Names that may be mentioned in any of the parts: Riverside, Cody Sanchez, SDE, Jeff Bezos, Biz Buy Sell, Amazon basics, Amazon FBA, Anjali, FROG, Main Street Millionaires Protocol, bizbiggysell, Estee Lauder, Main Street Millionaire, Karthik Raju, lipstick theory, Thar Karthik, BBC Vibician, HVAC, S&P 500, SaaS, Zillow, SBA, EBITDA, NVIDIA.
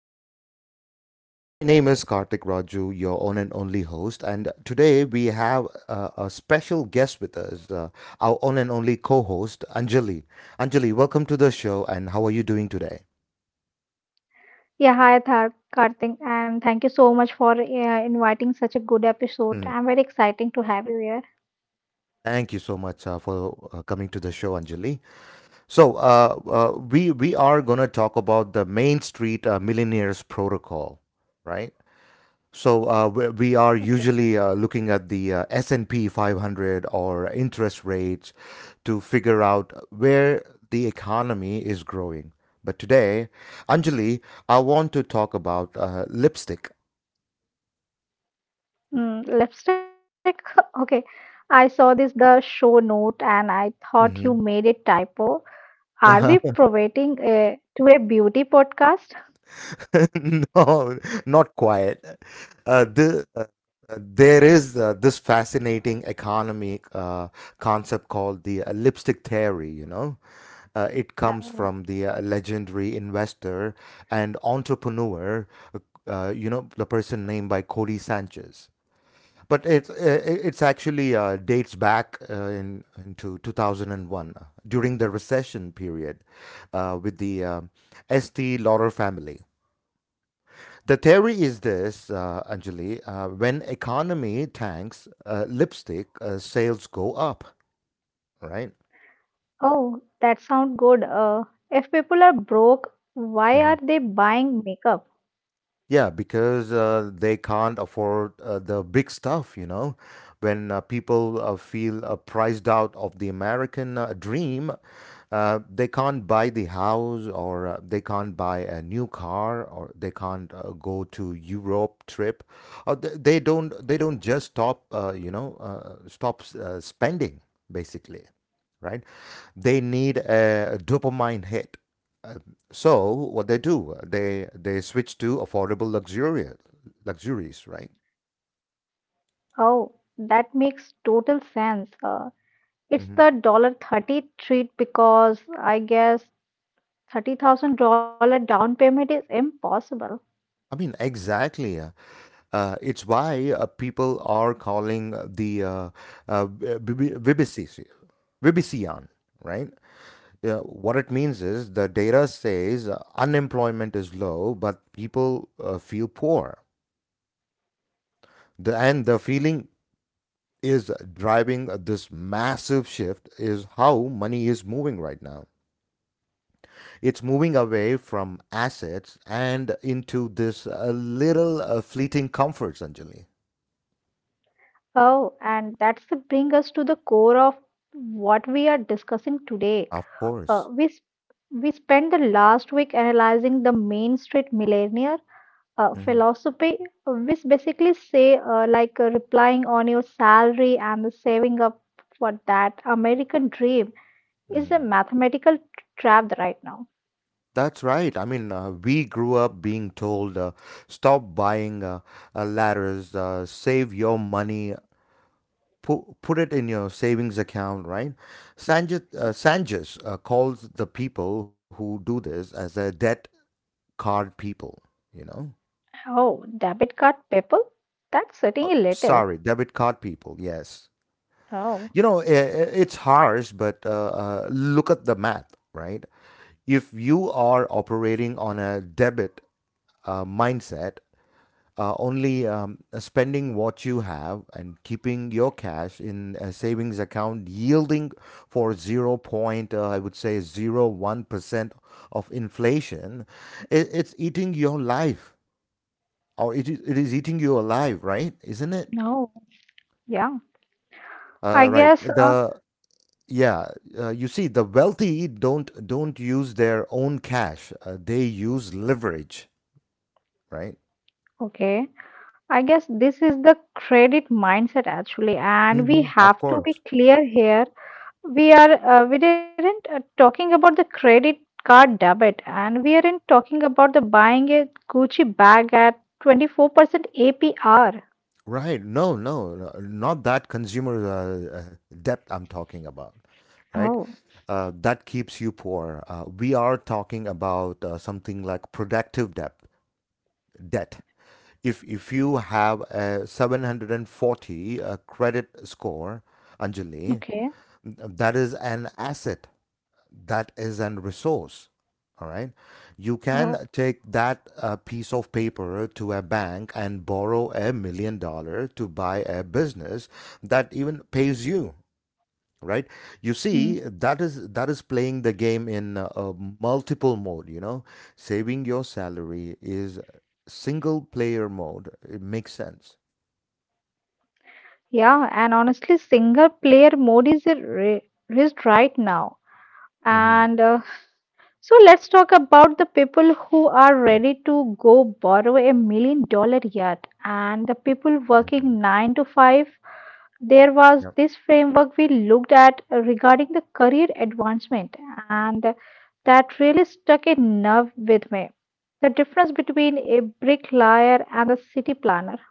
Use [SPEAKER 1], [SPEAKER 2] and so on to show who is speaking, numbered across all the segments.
[SPEAKER 1] different. My name is Karthik Raju, your own and only host, and today we have a special guest with us, our own and only co host, Anjali. Anjali, welcome to the show, and how are you doing today?
[SPEAKER 2] Yeah, hi Thar Karthik, and thank you so much for inviting such a good episode.
[SPEAKER 1] Mm,
[SPEAKER 2] I'm very exciting to have you here.
[SPEAKER 1] thank you so much for coming to the show, Anjali. We are going to talk about the Main Street Millionaires Protocol, right? We are
[SPEAKER 2] Okay,
[SPEAKER 1] usually looking at the S&P 500 or interest rates to figure out where the economy is growing. But today, Anjali, I want to talk about lipstick.
[SPEAKER 2] lipstick. Okay, I saw this the show note and I thought you
[SPEAKER 1] Hmm.
[SPEAKER 2] made a typo. Are we providing a to a beauty podcast?
[SPEAKER 1] No, not quiet. Uh, the, uh, there is this fascinating economic concept called the lipstick theory. It comes
[SPEAKER 2] Oh,
[SPEAKER 1] from the legendary investor and entrepreneur, uh, the person named by Cody Sanchez. But it, uh, it's actually dates back into 2001 during the recession period with the Estee Lauder family. The theory is this, Anjali, when economy tanks, lipstick sales go up, right?
[SPEAKER 2] oh, that sounds good. If people are broke, why
[SPEAKER 1] Mm-hmm.
[SPEAKER 2] are they buying makeup?
[SPEAKER 1] Yeah, because they can't afford the big stuff. When people feel priced out of the American dream, they can't buy the house or they can't buy a new car or they can't go to Europe trip. Or they don't just stop, spending basically, right? They need a dopamine hit. Uh, So what they do, they switch to affordable luxurious luxuries, right?
[SPEAKER 2] Oh, that makes total sense. It's
[SPEAKER 1] Hmm.
[SPEAKER 2] the dollar 30 treat because I guess $30,000 down payment is impossible.
[SPEAKER 1] I mean, exactly. It's why people are calling the uh, BBC, Vibician, right? Yeah, what it means is the data says unemployment is low, but people feel poor. And the feeling is driving this massive shift is how money is moving right now. It's moving away from assets and into this little fleeting comforts, Anjali.
[SPEAKER 2] Oh, and that's the bring us to the core of what we are discussing today.
[SPEAKER 1] Of
[SPEAKER 2] Uh,
[SPEAKER 1] course.
[SPEAKER 2] we s- we spent the last week analyzing the Main Street Millionaire
[SPEAKER 1] Hmm.
[SPEAKER 2] philosophy, which basically say like replying on your salary and the saving up for that American dream is a
[SPEAKER 1] Hmm.
[SPEAKER 2] mathematical trap right now.
[SPEAKER 1] That's right. I mean, we grew up being told stop buying ladders, save your money, put it in your savings account, right? Sanjus calls the people who do this as a debt card people, you know?
[SPEAKER 2] Oh, debit card people? That's sitting a little.
[SPEAKER 1] Debit card people, yes.
[SPEAKER 2] Oh,
[SPEAKER 1] You know, it's harsh, but look at the math, right? If you are operating on a debit mindset, only spending what you have and keeping your cash in a savings account yielding for 0. Point, I would say 0.01% of inflation, it's eating your life or it is eating you alive, right? Isn't it?
[SPEAKER 2] no. Yeah. I
[SPEAKER 1] Right.
[SPEAKER 2] guess,
[SPEAKER 1] The Yeah, you see, the wealthy don't use their own cash. They use leverage, right?
[SPEAKER 2] okay. I guess this is the credit mindset actually, and we
[SPEAKER 1] Hmm. Of
[SPEAKER 2] have to be
[SPEAKER 1] course.
[SPEAKER 2] clear here. We didn't talking about the credit card debit, and we aren't talking about the buying a Gucci bag at 24% APR.
[SPEAKER 1] Right. No, no, no, not that consumer debt I'm talking about, right?
[SPEAKER 2] Oh,
[SPEAKER 1] That keeps you poor. We are talking about something like productive debt. Debt. If you have a 740 credit score, Anjali,
[SPEAKER 2] okay.
[SPEAKER 1] that is an asset, that is a resource, all right, you
[SPEAKER 2] Oh,
[SPEAKER 1] can take that piece of paper to a bank and borrow $1 million to buy a business that even pays you, right? You
[SPEAKER 2] mm.
[SPEAKER 1] see, that is, that is playing the game in a multiple mode, you know. Saving your salary is single player mode. It makes sense.
[SPEAKER 2] Yeah, and honestly, single player mode is a risk right now.
[SPEAKER 1] Hmm.
[SPEAKER 2] And so let's talk about the people who are ready to go borrow $1 million yacht, and the people
[SPEAKER 1] Hmm.
[SPEAKER 2] working 9 to 5. There was
[SPEAKER 1] Yeah.
[SPEAKER 2] this framework we looked at regarding the career advancement, and that really stuck a nerve with me: the difference between a bricklayer and a city planner.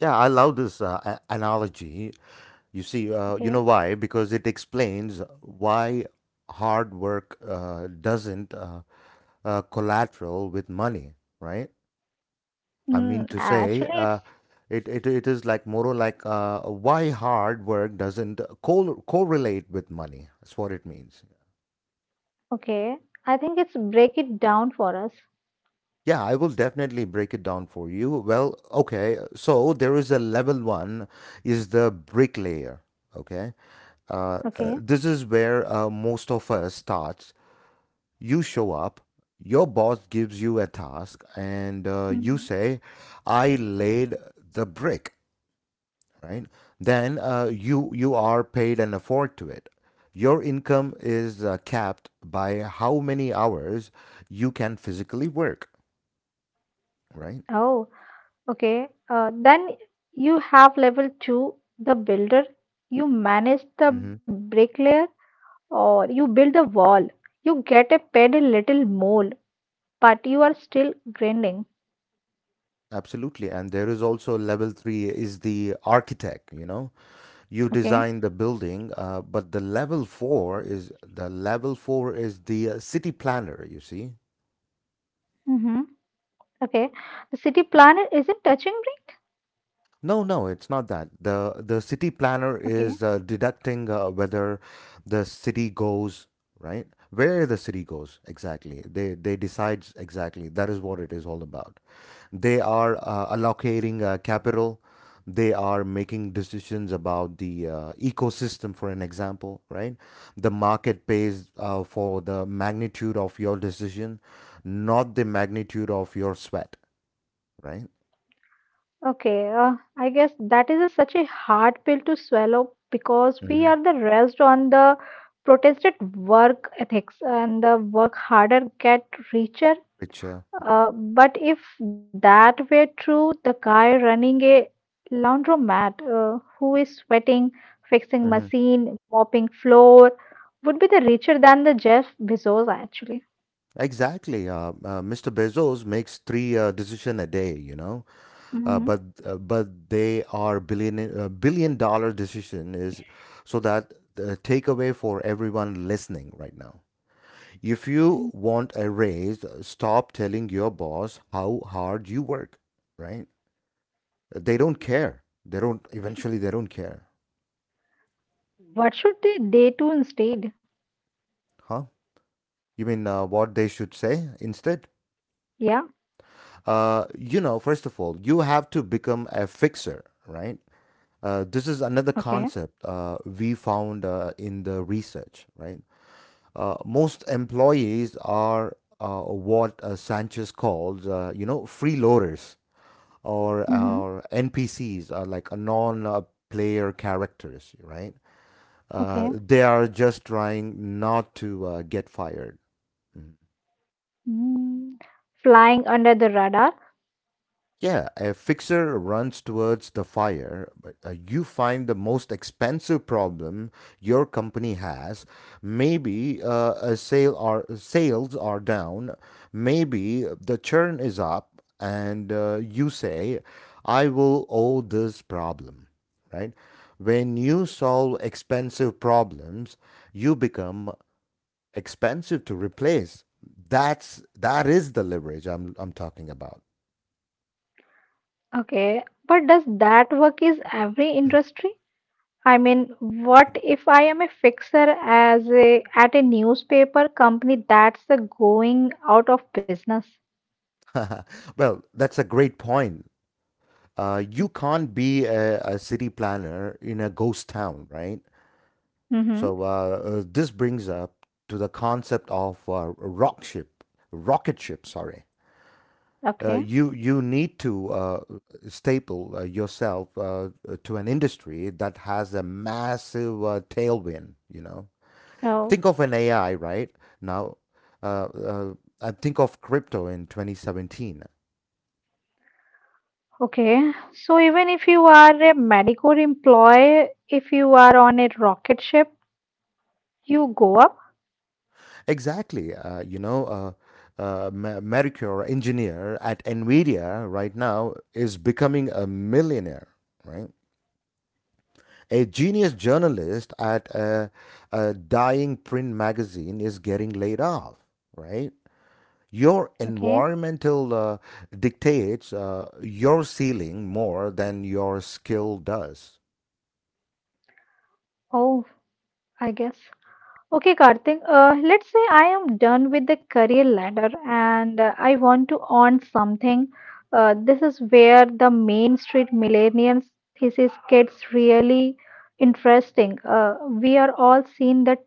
[SPEAKER 1] Yeah, I love this analogy. You see, you
[SPEAKER 2] Okay.
[SPEAKER 1] know why? Because it explains why hard work doesn't collateral with money, right? I mean to
[SPEAKER 2] Actually,
[SPEAKER 1] say,
[SPEAKER 2] it's
[SPEAKER 1] it is like more like why hard work doesn't correlate with money. That's what it means.
[SPEAKER 2] okay. I think it's break it down for us.
[SPEAKER 1] Yeah, I will definitely break it down for you. Well, okay, so there is a level 1 is the bricklayer. Okay,
[SPEAKER 2] Okay.
[SPEAKER 1] this is where most of us start. You show up, your boss gives you a task and you
[SPEAKER 2] Mhm.
[SPEAKER 1] say, I laid the brick, right? Then you are paid an afford to it. Your income is capped by how many hours you can physically work, right?
[SPEAKER 2] Oh. Okay, then you have level two, the builder. You manage the
[SPEAKER 1] Hmm.
[SPEAKER 2] bricklayer or you build the wall. You get a paid a little more, but you are still grinding.
[SPEAKER 1] Absolutely, and there is also level 3 is the architect, you know. You
[SPEAKER 2] Okay.
[SPEAKER 1] design the building uh, but the level 4 is the level 4 is the city planner, you see.
[SPEAKER 2] Mm-hmm. Okay. The city planner isn't touching me.
[SPEAKER 1] No, no, it's not that. The city planner
[SPEAKER 2] Okay.
[SPEAKER 1] is deducting whether the city goes, right? Where the city goes exactly. They decide exactly. That is what it is all about. They are allocating capital. They are making decisions about the ecosystem, for an example, right? The market pays for the magnitude of your decision, not the magnitude of your sweat, right?
[SPEAKER 2] Okay. I guess that is such a hard pill to swallow because we
[SPEAKER 1] Hmm.
[SPEAKER 2] are the rest on the protested work ethics and the work harder get richer.
[SPEAKER 1] Which
[SPEAKER 2] But if that were true, the guy running a laundromat who is sweating, fixing machine, mopping floor would be the richer than the Jeff Bezos actually.
[SPEAKER 1] Exactly. Mr. Bezos makes three decision a day, you know,
[SPEAKER 2] Hmm.
[SPEAKER 1] but they are billion dollar decision is so that the takeaway for everyone listening right now. If you want a raise, stop telling your boss how hard you work, right? They don't care. They don't care.
[SPEAKER 2] What should they do instead?
[SPEAKER 1] Huh? You mean what they should say instead?
[SPEAKER 2] Yeah,
[SPEAKER 1] You know, first of all, you have to become a fixer, right? This is another
[SPEAKER 2] okay.
[SPEAKER 1] concept we found in the research, right? Most employees are what Sanchez calls, freeloaders or
[SPEAKER 2] Hmm.
[SPEAKER 1] our NPCs, are like a non-player characters, right?
[SPEAKER 2] Okay.
[SPEAKER 1] They are just trying not to get fired. Mm-hmm.
[SPEAKER 2] Mm, Flying under the radar.
[SPEAKER 1] Yeah, a fixer runs towards the fire, but you find the most expensive problem your company has. Maybe a sale are sales are down, maybe the churn is up, and you say, "I will owe this problem." Right? When you solve expensive problems, you become expensive to replace. That is the leverage I'm talking about.
[SPEAKER 2] Okay. But does that work is every industry? I mean, what if I am a fixer as a at a newspaper company that's going out of business?
[SPEAKER 1] Well, that's a great point. You can't be a city planner in a ghost town, right?
[SPEAKER 2] Mm-hmm.
[SPEAKER 1] So this brings up to the concept of rocket ship. Sorry,
[SPEAKER 2] Okay.
[SPEAKER 1] you need to staple yourself to an industry that has a massive tailwind. You know,
[SPEAKER 2] Oh,
[SPEAKER 1] think of an AI right now. Uh, uh, I think of crypto in 2017.
[SPEAKER 2] okay. So even if you are a Medicor employee, if you are on a rocket ship, you go up.
[SPEAKER 1] Exactly. Mercure engineer at NVIDIA right now is becoming a millionaire, right? A genius journalist at a dying print magazine is getting laid off, right? Your
[SPEAKER 2] Okay.
[SPEAKER 1] environmental dictates your ceiling more than your skill does.
[SPEAKER 2] Oh, I guess. Okay, Karthik, let's say I am done with the career ladder and I want to earn something. This is where the Main Street Millennials thesis gets really interesting. We are all seeing the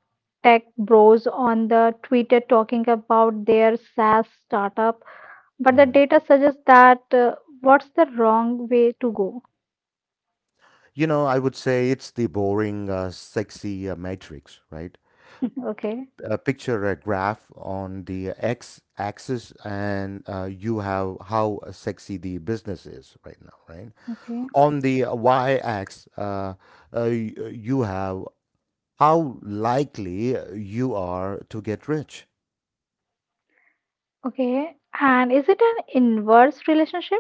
[SPEAKER 2] tech bros on the Twitter talking about their SaaS startup, but the
[SPEAKER 1] Mhm.
[SPEAKER 2] data suggests that what's the wrong way to go?
[SPEAKER 1] You know, I would say it's the boring, sexy matrix, right?
[SPEAKER 2] Okay,
[SPEAKER 1] Picture a graph on the x axis and you have how sexy the business is right now, right?
[SPEAKER 2] okay,
[SPEAKER 1] On the y axis you have how likely you are to get rich.
[SPEAKER 2] okay. And is it an inverse relationship?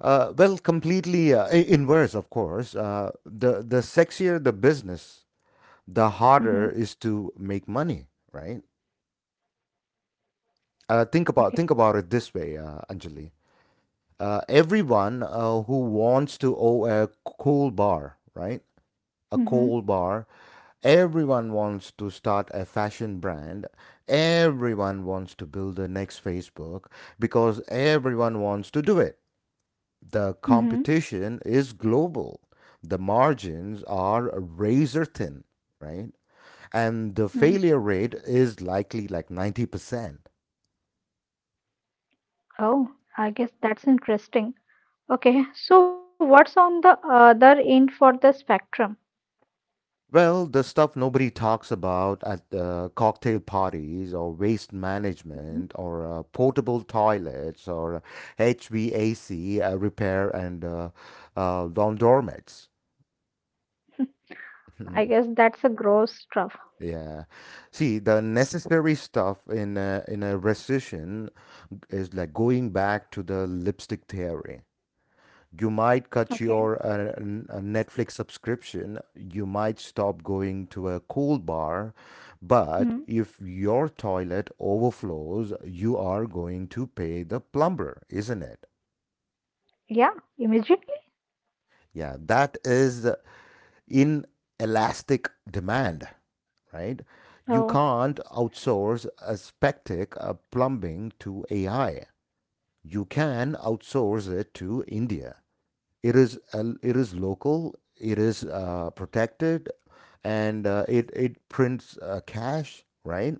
[SPEAKER 1] Well, completely inverse, of course. The sexier the business, the harder
[SPEAKER 2] Hmm.
[SPEAKER 1] is to make money, right? Think
[SPEAKER 2] Okay.
[SPEAKER 1] about it this way, Anjali. Everyone who wants to own a cool bar, right? A cool
[SPEAKER 2] Mm-hmm.
[SPEAKER 1] bar. Everyone wants to start a fashion brand. Everyone wants to build the next Facebook. Because everyone wants to do it, the
[SPEAKER 2] Mm-hmm.
[SPEAKER 1] competition is global. The margins are razor thin, right? And the failure
[SPEAKER 2] Mm.
[SPEAKER 1] rate is likely like 90%.
[SPEAKER 2] Oh, I guess that's interesting. Okay, so what's on the other end for the spectrum?
[SPEAKER 1] Well, the stuff nobody talks about at cocktail parties, or waste management,
[SPEAKER 2] Mm,
[SPEAKER 1] or portable toilets, or HVAC repair, and laundromats.
[SPEAKER 2] I guess that's a gross stuff.
[SPEAKER 1] Yeah. See, the necessary stuff in in a recession is like going back to the lipstick theory. You might cut your
[SPEAKER 2] Okay.
[SPEAKER 1] Netflix subscription, you might stop going to a cool bar, but
[SPEAKER 2] Mm.
[SPEAKER 1] if your toilet overflows, you are going to pay the plumber, isn't it?
[SPEAKER 2] Yeah, immediately.
[SPEAKER 1] Yeah, that is inelastic demand, right?
[SPEAKER 2] Oh.
[SPEAKER 1] You can't outsource a spectac plumbing to AI. You can outsource it to India. It is local, it is protected, and it prints cash, right?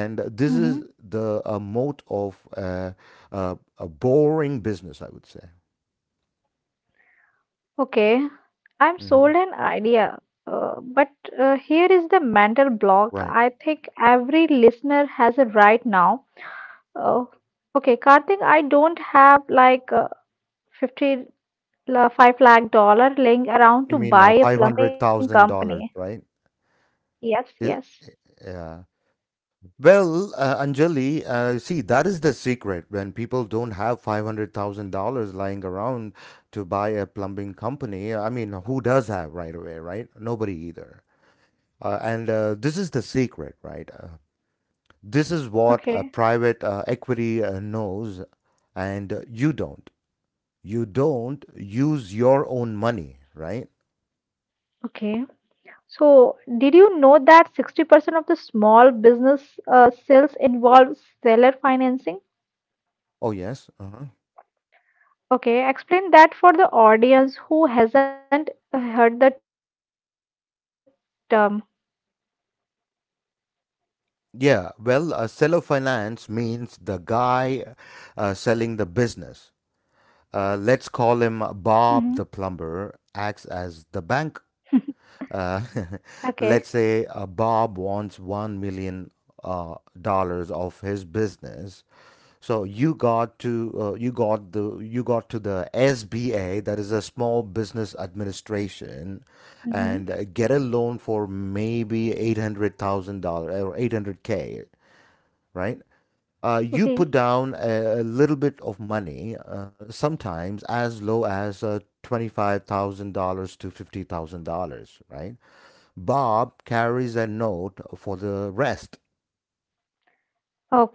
[SPEAKER 1] And this
[SPEAKER 2] Mm-hmm.
[SPEAKER 1] is the mode of a boring business, I would say.
[SPEAKER 2] Okay, I'm
[SPEAKER 1] Hmm.
[SPEAKER 2] sold an idea. But here is the mental block
[SPEAKER 1] Right.
[SPEAKER 2] I think every listener has it right now. Oh, okay, Karthik, I don't have like 50 five lakh dollar laying around
[SPEAKER 1] I
[SPEAKER 2] to
[SPEAKER 1] mean,
[SPEAKER 2] buy a plumbing company.
[SPEAKER 1] $500,000, right?
[SPEAKER 2] Yes, yes.
[SPEAKER 1] it, yeah. Well, Anjali, see, that is the secret. When people don't have $500,000 lying around to buy a plumbing company, I mean, who does have right away, right? Nobody either. And This is the secret, right? This is what a
[SPEAKER 2] Okay.
[SPEAKER 1] private equity knows, and you don't. You don't use your own money, right?
[SPEAKER 2] Okay. So, did you know that 60% of the small business sales involves seller financing?
[SPEAKER 1] Oh, yes. Uh-huh.
[SPEAKER 2] Okay, explain that for the audience who hasn't heard the term.
[SPEAKER 1] Yeah, well, seller finance means the guy selling the business, let's call him
[SPEAKER 2] Hmm.
[SPEAKER 1] Bob the plumber, acts as the bank. Uh, let's
[SPEAKER 2] Okay.
[SPEAKER 1] say Bob wants 1 million dollars of his business. So you got to the SBA, that is a Small Business Administration, and
[SPEAKER 2] Hmm.
[SPEAKER 1] get a loan for maybe $800,000 or 800K, right? You put
[SPEAKER 2] Okay.
[SPEAKER 1] down a little bit of money, sometimes as low as $25,000 to $50,000, right? Bob carries a note for the rest.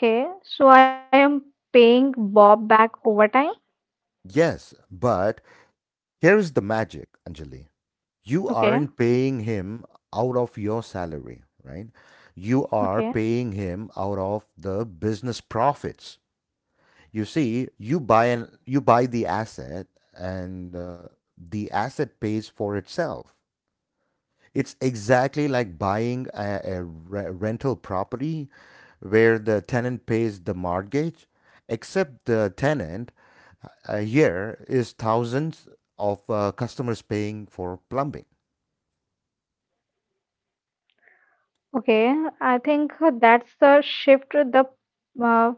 [SPEAKER 2] Okay, so I am paying Bob back overtime.
[SPEAKER 1] Yes, but here is the magic, Anjali. You
[SPEAKER 2] Okay,
[SPEAKER 1] aren't paying him out of your salary, right? You are
[SPEAKER 2] okay,
[SPEAKER 1] paying him out of the business profits. You see, you buy the asset, and the asset pays for itself. It's exactly like buying a rental property where the tenant pays the mortgage, except the tenant here is thousands of customers paying for plumbing.
[SPEAKER 2] okay. I think that's the shift the uh,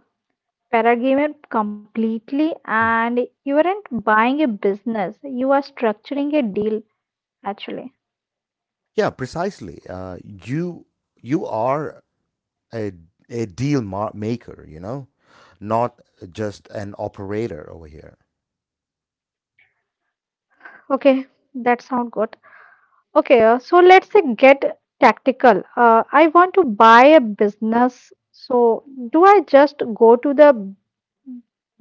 [SPEAKER 2] Paragamer completely,
[SPEAKER 1] Mm.
[SPEAKER 2] and you aren't buying a business, you are structuring a deal actually.
[SPEAKER 1] Yeah, precisely. You are a a deal maker, not just an operator over here.
[SPEAKER 2] Okay, that sounds good. Okay, so let's get tactical. I want to buy a business, so do I just go to the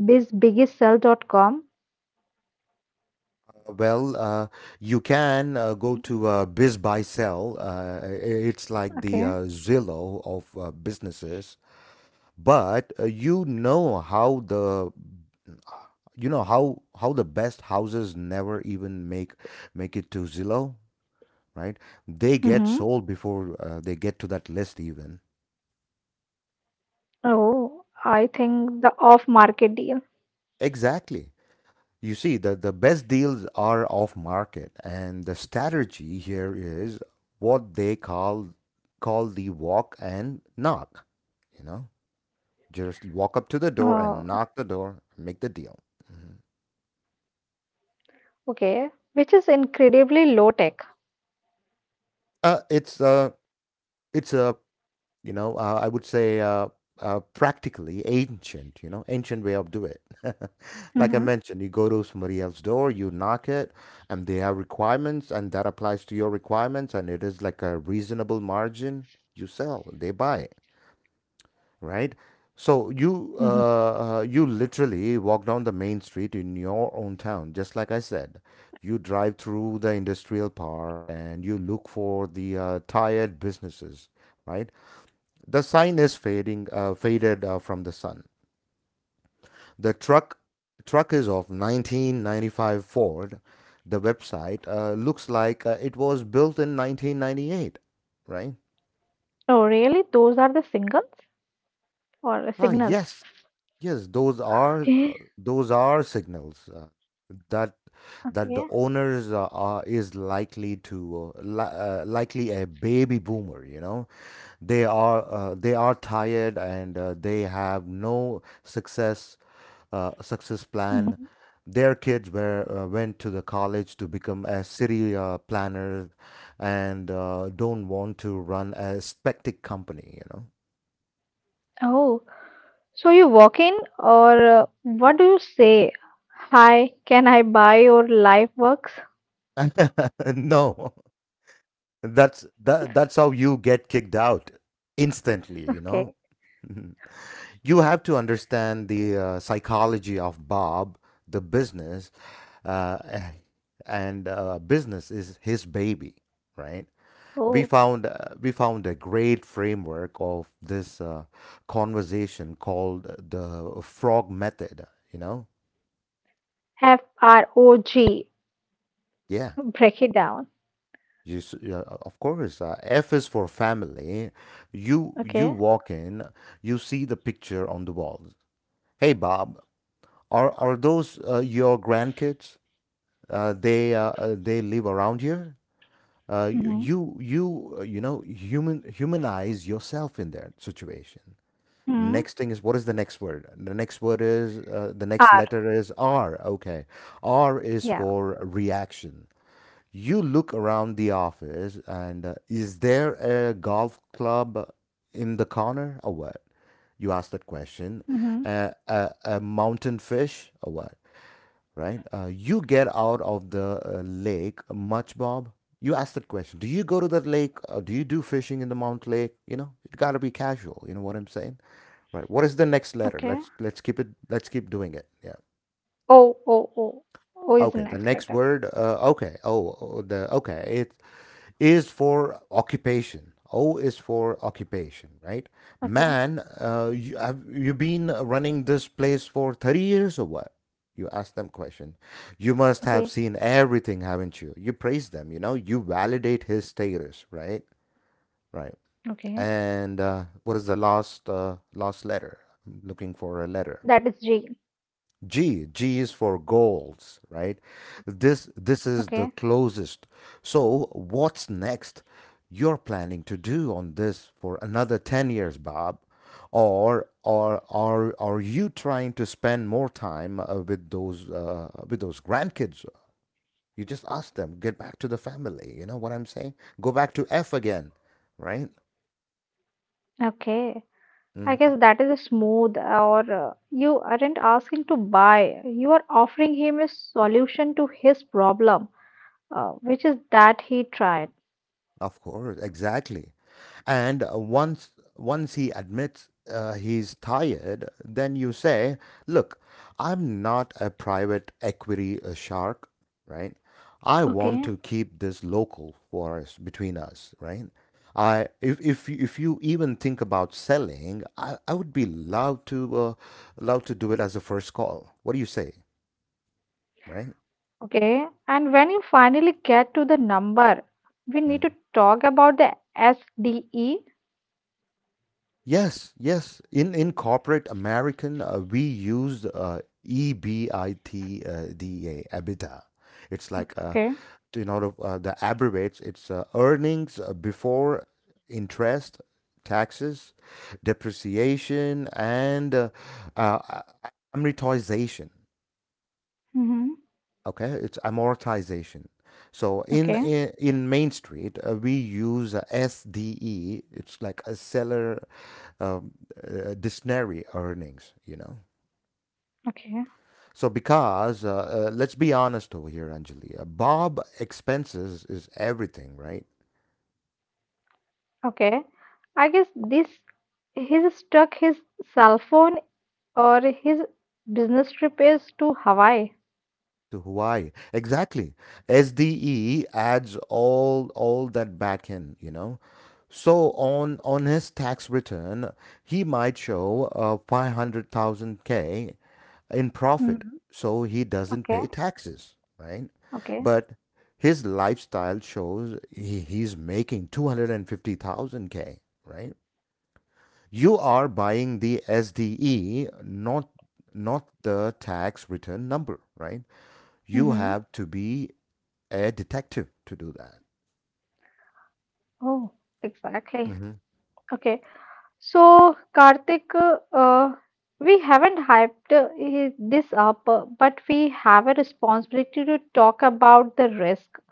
[SPEAKER 2] bizbiggysell.com?
[SPEAKER 1] Well, you can go to Biz Buy Sell. It's like the
[SPEAKER 2] Okay.
[SPEAKER 1] Zillow of businesses, but you know how the best houses never even make it to Zillow, right? They get
[SPEAKER 2] Mm-hmm.
[SPEAKER 1] sold before they get to that list even.
[SPEAKER 2] Oh, I think the off-market deal.
[SPEAKER 1] Exactly. You see, the best deals are off market, and the strategy here is what they call the walk and knock. You know, just walk up to the door and
[SPEAKER 2] Oh,
[SPEAKER 1] knock the door, make the deal. Mhm.
[SPEAKER 2] okay, which is incredibly low tech.
[SPEAKER 1] Uh, it's a it's a I would say practically ancient you know ancient way of do it. Like I
[SPEAKER 2] Mm-hmm.
[SPEAKER 1] mentioned, you go to somebody else's door, you knock it, and they have requirements, and that applies to your requirements, and it is like a reasonable margin. You sell, they buy, right? so you
[SPEAKER 2] Mm-hmm.
[SPEAKER 1] uh, uh, you literally walk down the main street in your own town, just like I said. You drive through the industrial park, and you look for the tired businesses, right? The sign is faded from the sun. The truck is of 1995 Ford. The website looks like it was built in 1998, right?
[SPEAKER 2] Oh, really? Those are the singles or
[SPEAKER 1] Ah,
[SPEAKER 2] signals?
[SPEAKER 1] yes, yes.
[SPEAKER 2] Okay.
[SPEAKER 1] Those are signals that the
[SPEAKER 2] Okay.
[SPEAKER 1] owners are is likely likely a baby boomer. You know, they are tired, and they have no success plan.
[SPEAKER 2] Mhm.
[SPEAKER 1] Their kids were went to the college to become a city planner, and don't want to run a spectic company. You
[SPEAKER 2] Oh, so you walk in, or what do you say? Hi, can I buy your life works?
[SPEAKER 1] know, no, that's how you get kicked out instantly. You
[SPEAKER 2] Okay.
[SPEAKER 1] know, Mhm. You have to understand the psychology of Bob, the business, uh, and business is his baby, right?
[SPEAKER 2] Oh,
[SPEAKER 1] We found a great framework of this conversation called the frog method you know
[SPEAKER 2] FROG.
[SPEAKER 1] yeah.
[SPEAKER 2] Break it down.
[SPEAKER 1] Yeah, of course, F is for family. you
[SPEAKER 2] Okay.
[SPEAKER 1] you walk in, you see the picture on the walls. Hey Bob, are those your grandkids? Uh, They live around here? uh, y-
[SPEAKER 2] Mm-hmm.
[SPEAKER 1] you you uh, you know human humanize yourself in that situation.
[SPEAKER 2] Mm-hmm.
[SPEAKER 1] Next thing is, what is the next word? The next word is The
[SPEAKER 2] R.
[SPEAKER 1] next letter is R. Okay. R is
[SPEAKER 2] Yeah.
[SPEAKER 1] for reaction. You look around the office, and is there a golf club in the corner, or what? You ask that
[SPEAKER 2] Mm-hmm.
[SPEAKER 1] question. A mountain fish, or what, right? You get out of the lake much, Bob? You asked that question. Do you go to that lake? Do you do fishing in the Mount Lake? You know, it gotta be casual. You know what I'm saying, right? What is the next
[SPEAKER 2] Okay.
[SPEAKER 1] letter? Let's keep it. Let's keep doing it. Yeah.
[SPEAKER 2] O O O O is
[SPEAKER 1] Okay.
[SPEAKER 2] the
[SPEAKER 1] The
[SPEAKER 2] next
[SPEAKER 1] next
[SPEAKER 2] letter.
[SPEAKER 1] word. Okay. Oh, oh, the okay. It's is for occupation. O is for occupation, right?
[SPEAKER 2] Okay.
[SPEAKER 1] Man, you have you been running this place for 30 years, or what? You ask them question. You must
[SPEAKER 2] Okay.
[SPEAKER 1] have seen everything, haven't you? You praise them, you validate his status, right? Right.
[SPEAKER 2] Okay.
[SPEAKER 1] And what is the last letter? I'm looking for a
[SPEAKER 2] That
[SPEAKER 1] letter.
[SPEAKER 2] is G.
[SPEAKER 1] G is for goals, right? This is
[SPEAKER 2] Okay.
[SPEAKER 1] the closest. So what's next, you're planning to do on this for another 10 years, Bob? Or are you trying to spend more time with those grandkids? You just ask them, get back to the family. You know what I'm saying? Go back to F again, right?
[SPEAKER 2] Okay. I
[SPEAKER 1] Mhm.
[SPEAKER 2] guess that is smooth, or you aren't asking to buy. You are offering him a solution to his problem, which is that he tried.
[SPEAKER 1] Of course, exactly. And once he admits he's tired, then you say, "Look, I'm not a private equity shark, right? I want
[SPEAKER 2] Okay.
[SPEAKER 1] to keep this local for us, between us, right? I if you even think about selling, I would be allowed to do it as a first call. What do you say, right?"
[SPEAKER 2] Okay, and when you finally get to the number, we need to
[SPEAKER 1] Mm-hmm.
[SPEAKER 2] talk about the SDE.
[SPEAKER 1] Yes, yes. In corporate American, we use EBIT, DEA, EBITDA. It's like
[SPEAKER 2] Okay.
[SPEAKER 1] in order the abbreviates. It's earnings before interest, taxes, depreciation, and uh, amortization.
[SPEAKER 2] Mm-hmm.
[SPEAKER 1] Okay, it's amortization. so in
[SPEAKER 2] Okay,
[SPEAKER 1] in, in main street, we use SDE. It's like a seller um, dictionary earnings.
[SPEAKER 2] okay,
[SPEAKER 1] So because Let's be honest over here, Anjali. Bob expenses is everything, right?
[SPEAKER 2] okay. I guess this he's stuck his cell phone or his business trip is to Hawaii.
[SPEAKER 1] To Hawaii, exactly. SDE adds all that back in, you know. So on his tax return, he might show 500,000 K in profit,
[SPEAKER 2] Mm-hmm.
[SPEAKER 1] so he doesn't
[SPEAKER 2] Okay,
[SPEAKER 1] pay taxes, right?
[SPEAKER 2] okay.
[SPEAKER 1] But his lifestyle shows he's making 250,000 K, right? You are buying the SDE, not the tax return number, right? You
[SPEAKER 2] Mm-hmm.
[SPEAKER 1] have to be a detective to do that.
[SPEAKER 2] Oh, exactly.
[SPEAKER 1] Mhm.
[SPEAKER 2] Okay. So, Karthik, uh, we haven't hyped this up, but we have a responsibility to talk about the risk.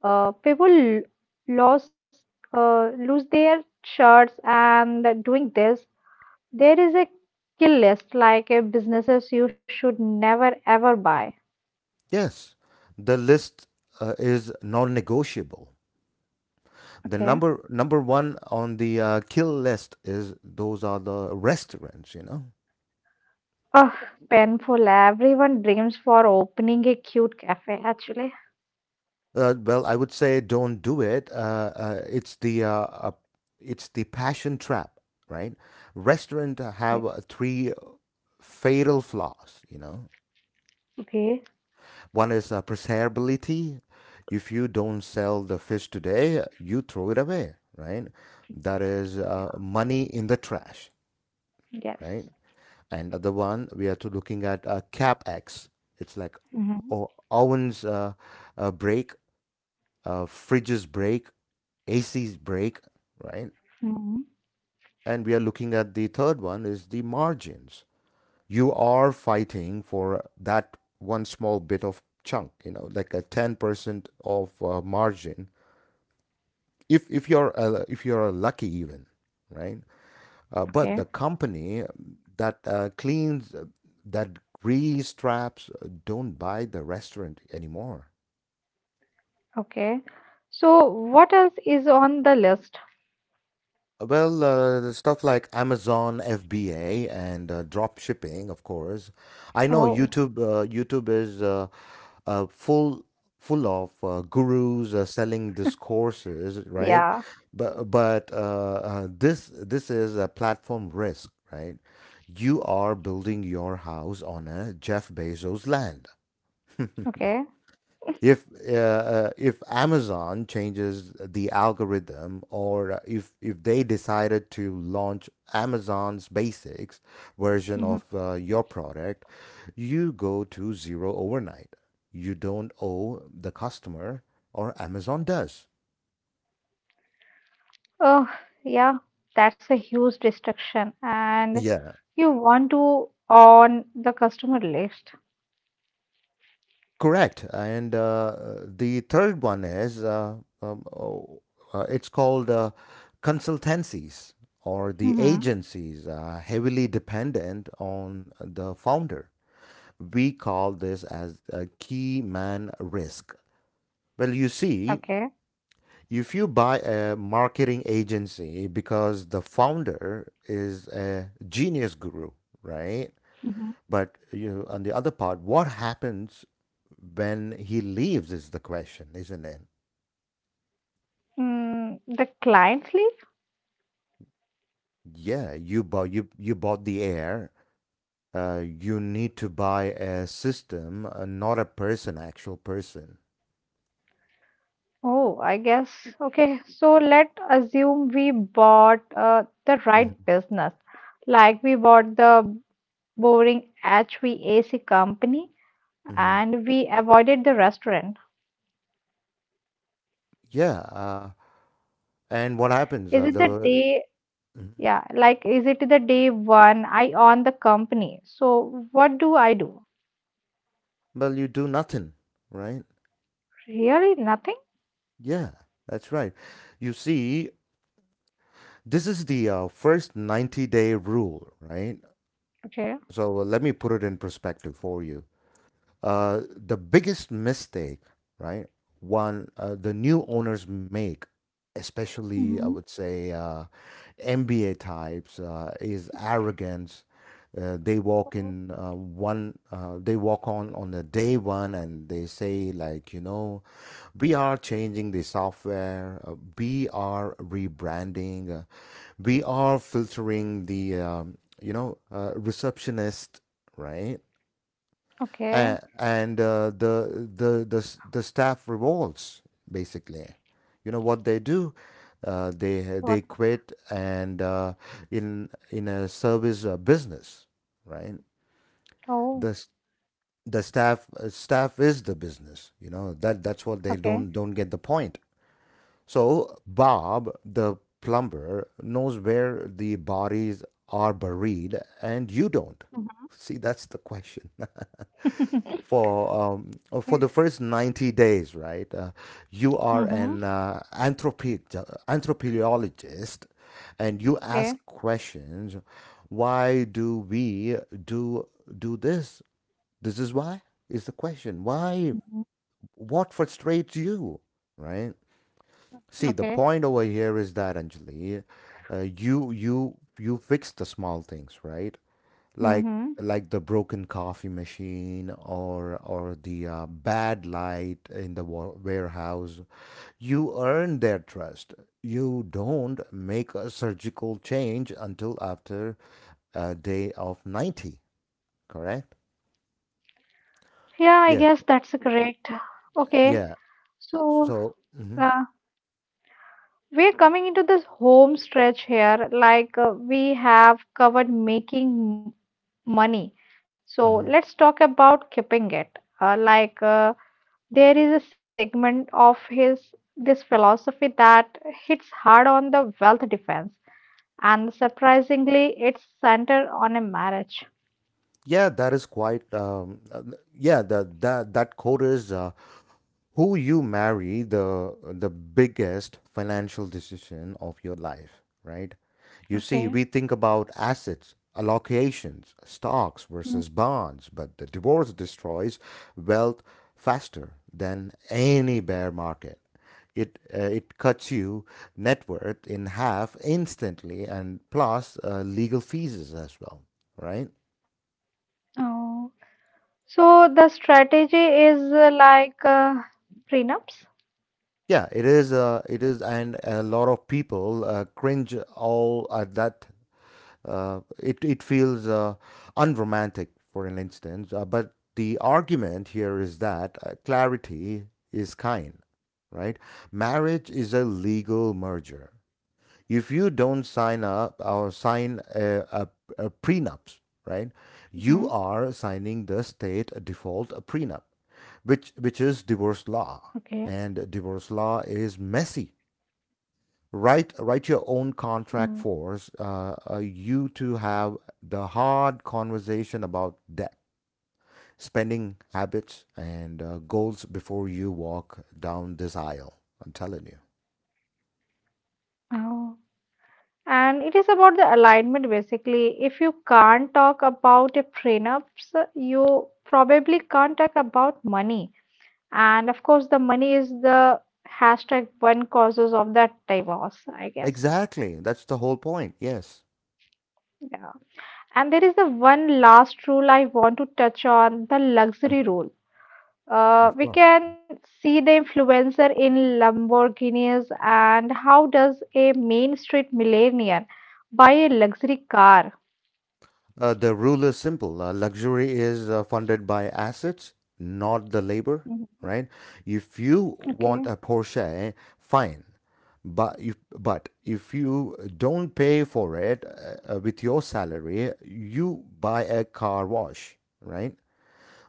[SPEAKER 2] People lose, lose their shirts and doing this. There is a kill list, like businesses you should never ever buy.
[SPEAKER 1] Yes, the list is non-negotiable. The
[SPEAKER 2] Okay.
[SPEAKER 1] number one on the kill list is, those are the restaurants, you know.
[SPEAKER 2] Oh, painful. Everyone dreams for opening a cute cafe, actually.
[SPEAKER 1] Well, I would say don't do it. It's the passion trap, right? Restaurant have
[SPEAKER 2] Okay.
[SPEAKER 1] three fatal flaws. You know,
[SPEAKER 2] Okay.
[SPEAKER 1] one is preservability. If you don't sell the fish today, you throw it away, right? That is
[SPEAKER 2] Yeah.
[SPEAKER 1] money in the trash, right?
[SPEAKER 2] Yes.
[SPEAKER 1] And the one we are to looking at CapEx. It's like
[SPEAKER 2] Hmm.
[SPEAKER 1] ovens break, fridges break, AC's break, right?
[SPEAKER 2] Hmm.
[SPEAKER 1] And we are looking at the third one is the margins. You are fighting for that one small bit of chunk, like a 10% of margin. If you're lucky even, right? But
[SPEAKER 2] Okay.
[SPEAKER 1] the company that cleans that grease traps don't buy the restaurant anymore.
[SPEAKER 2] Okay. So what else is on the list?
[SPEAKER 1] Well, the stuff like Amazon FBA and drop shipping, of course. I know
[SPEAKER 2] Oh,
[SPEAKER 1] YouTube. YouTube is uh, full full of gurus selling these courses, right?
[SPEAKER 2] yeah.
[SPEAKER 1] But this is a platform risk, right? You are building your house on a Jeff Bezos land.
[SPEAKER 2] Okay.
[SPEAKER 1] If if Amazon changes the algorithm, or if they decided to launch Amazon's basics version of
[SPEAKER 2] Hmm.
[SPEAKER 1] your product, you go to zero overnight. You don't owe the customer, or Amazon does.
[SPEAKER 2] Oh, yeah. That's a huge distraction, and
[SPEAKER 1] Yeah.
[SPEAKER 2] you want to on the customer list.
[SPEAKER 1] Correct. And the third one is um, oh, it's called consultancies or the
[SPEAKER 2] Hmm.
[SPEAKER 1] agencies heavily dependent on the founder. We call this as a key man risk. Well, you see,
[SPEAKER 2] Okay.
[SPEAKER 1] if you buy a marketing agency because the founder is a genius guru, right?
[SPEAKER 2] Hmm.
[SPEAKER 1] But you on the other part, what happens when he leaves is the question, isn't it?
[SPEAKER 2] The client's list?
[SPEAKER 1] Yeah, you bought the air. You need to buy a system, not a person, actual person.
[SPEAKER 2] Oh, I guess. Okay. So let assume we bought the
[SPEAKER 1] Hmm.
[SPEAKER 2] right business, like we bought the boring HVAC company.
[SPEAKER 1] Hmm.
[SPEAKER 2] And we avoided the restaurant.
[SPEAKER 1] Yeah. And what
[SPEAKER 2] Is
[SPEAKER 1] happens?
[SPEAKER 2] it the
[SPEAKER 1] The
[SPEAKER 2] day?
[SPEAKER 1] Mhm.
[SPEAKER 2] Yeah, like is it the day one? I own the company. So what do I do?
[SPEAKER 1] Well, you do nothing, right?
[SPEAKER 2] Really nothing.
[SPEAKER 1] Yeah, that's right. You see, this is the first 90-day rule, right?
[SPEAKER 2] Okay.
[SPEAKER 1] So let me put it in perspective for you. The biggest mistake, right? One The new owners make, especially
[SPEAKER 2] Mm-hmm.
[SPEAKER 1] I would say MBA types, is arrogance. They walk in one. They walk on the day one, and they say, like, you know, we are changing the software. We are rebranding. We are filtering the receptionist, right?
[SPEAKER 2] Okay.
[SPEAKER 1] And the the staff revolts basically. You know what they do? They
[SPEAKER 2] What?
[SPEAKER 1] quit, and in a service business, right?
[SPEAKER 2] Oh.
[SPEAKER 1] The s- the staff is the business. You know that's what they
[SPEAKER 2] Okay.
[SPEAKER 1] don't get the point. So Bob, the plumber, knows where the bodies are buried, and you don't.
[SPEAKER 2] Mhm.
[SPEAKER 1] See, that's the question. For
[SPEAKER 2] Okay.
[SPEAKER 1] for the first 90 days, right? You are
[SPEAKER 2] Mm-hmm.
[SPEAKER 1] an anthropologist, and you
[SPEAKER 2] Okay.
[SPEAKER 1] ask questions. Why do we do do this? This is why is the question. Why?
[SPEAKER 2] Mhm.
[SPEAKER 1] What frustrates you, right? See, the
[SPEAKER 2] Okay.
[SPEAKER 1] point over here is that Anjali, you fix the small things, right? like
[SPEAKER 2] Mm-hmm.
[SPEAKER 1] like the broken coffee machine or the bad light in the warehouse. You earn their trust. You don't make a surgical change until after a day of 90. Correct?
[SPEAKER 2] Yeah, I
[SPEAKER 1] Yeah.
[SPEAKER 2] guess that's correct. Okay.
[SPEAKER 1] Yeah.
[SPEAKER 2] So,
[SPEAKER 1] so mhm,
[SPEAKER 2] uh, we're coming into this home stretch here. Like, we have covered making money. So
[SPEAKER 1] mhm.
[SPEAKER 2] let's talk about keeping it. Like there is a segment of his this philosophy that hits hard on the wealth defense, and surprisingly, it's centered on a marriage.
[SPEAKER 1] Yeah, that is quite that quote is, who you marry, the biggest financial decision of your life, right? You see,
[SPEAKER 2] Okay.
[SPEAKER 1] we think about assets allocations, stocks
[SPEAKER 2] Mm.
[SPEAKER 1] versus bonds, but the divorce destroys wealth faster than any bear market. It cuts you net worth in half instantly, and plus legal fees as well, right?
[SPEAKER 2] Oh. So the strategy is like prenups.
[SPEAKER 1] Yeah, it is. It is, and a lot of people cringe all at that. It feels, unromantic, for an instance. But the argument here is that clarity is kind, right? Marriage is a legal merger. If you don't sign up or sign a prenups, right, you
[SPEAKER 2] Mm-hmm.
[SPEAKER 1] are signing the state default prenup, which is
[SPEAKER 2] Okay.
[SPEAKER 1] divorce law, and divorce law is messy. Write your own
[SPEAKER 2] Mm.
[SPEAKER 1] contract for us, you to have the hard conversation about debt, spending habits, and goals before you walk down this aisle. I'm telling you.
[SPEAKER 2] Oh. And it is about the alignment basically. If you can't talk about a prenups, you probably can't talk about money. And of course, the money is the hashtag one causes of that divorce, I guess.
[SPEAKER 1] Exactly, that's the whole point. Yes.
[SPEAKER 2] Yeah. And there is the one last rule I want to touch on the luxury
[SPEAKER 1] Mhm.
[SPEAKER 2] rule.
[SPEAKER 1] Of course.
[SPEAKER 2] We can see the influencer in Lamborghinis, and how does a Main Street millionaire buy a luxury car?
[SPEAKER 1] The rule is simple. Luxury is funded by assets, not the labor,
[SPEAKER 2] Mhm.
[SPEAKER 1] right? If you want a Porsche, fine. But if you don't pay for it with your salary, you buy a car wash, right?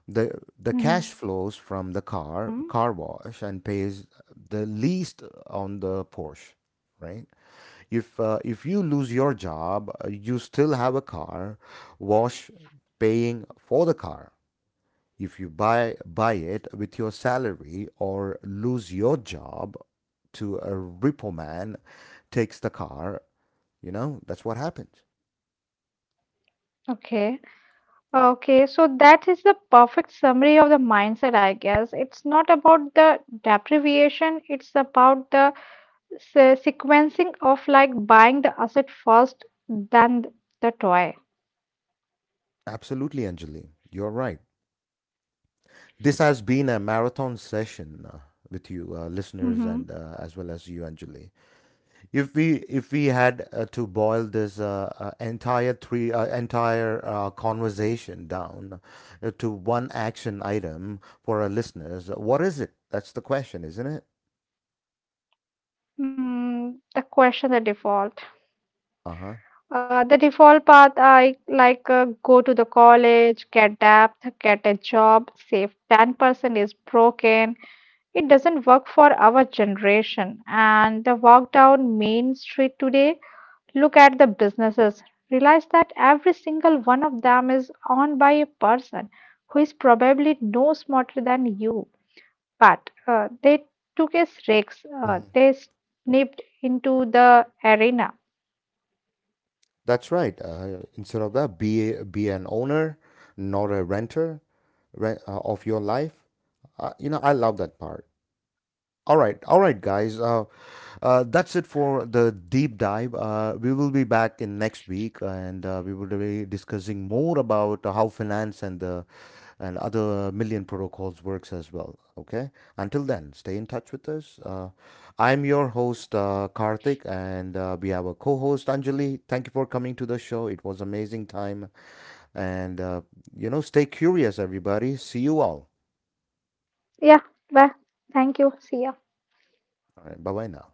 [SPEAKER 1] The
[SPEAKER 2] Okay.
[SPEAKER 1] cash flows from the car wash, and pays the least on the Porsche, right? If if you lose your job, you still have a car wash paying for the car. If you buy it with your salary or lose your job, to a repo man, takes the car. You know, that's what happens.
[SPEAKER 2] Okay, okay, so that is the perfect summary of the mindset, I guess. It's not about the deprivation, it's about the sequencing of like buying the asset first, then the toy.
[SPEAKER 1] Absolutely, Anjali, you're right. This has been a marathon session, with you listeners,
[SPEAKER 2] Mm-hmm.
[SPEAKER 1] and as well as you, Anjali. If we had to boil this entire conversation down to one action item for our listeners, what is it? That's the question, isn't it?
[SPEAKER 2] The question, the default.
[SPEAKER 1] Uh huh.
[SPEAKER 2] The default path, I like go to the college, get debt, get a job, save 10% is broken. It doesn't work for our generation. And the walk down Main Street today, look at the businesses, realize that every single one of them is owned by a person who is probably no smarter than you. But they took a risk,
[SPEAKER 1] Mhm.
[SPEAKER 2] they snipped into the arena.
[SPEAKER 1] That's right. Instead of that, be an owner, not a renter, of your life. You know, I love that part. All right, guys. That's it for the deep dive. We will be back in next week, and we will be discussing more about how finance and the and other million protocols works as well. Okay. Until then, stay in touch with us. I'm your host Karthik, and we have a co-host, Anjali. Thank you for coming to the show. It was amazing time, and stay curious, everybody. See you all.
[SPEAKER 2] Yeah, bye. Thank you. See ya.
[SPEAKER 1] All right. Bye bye now.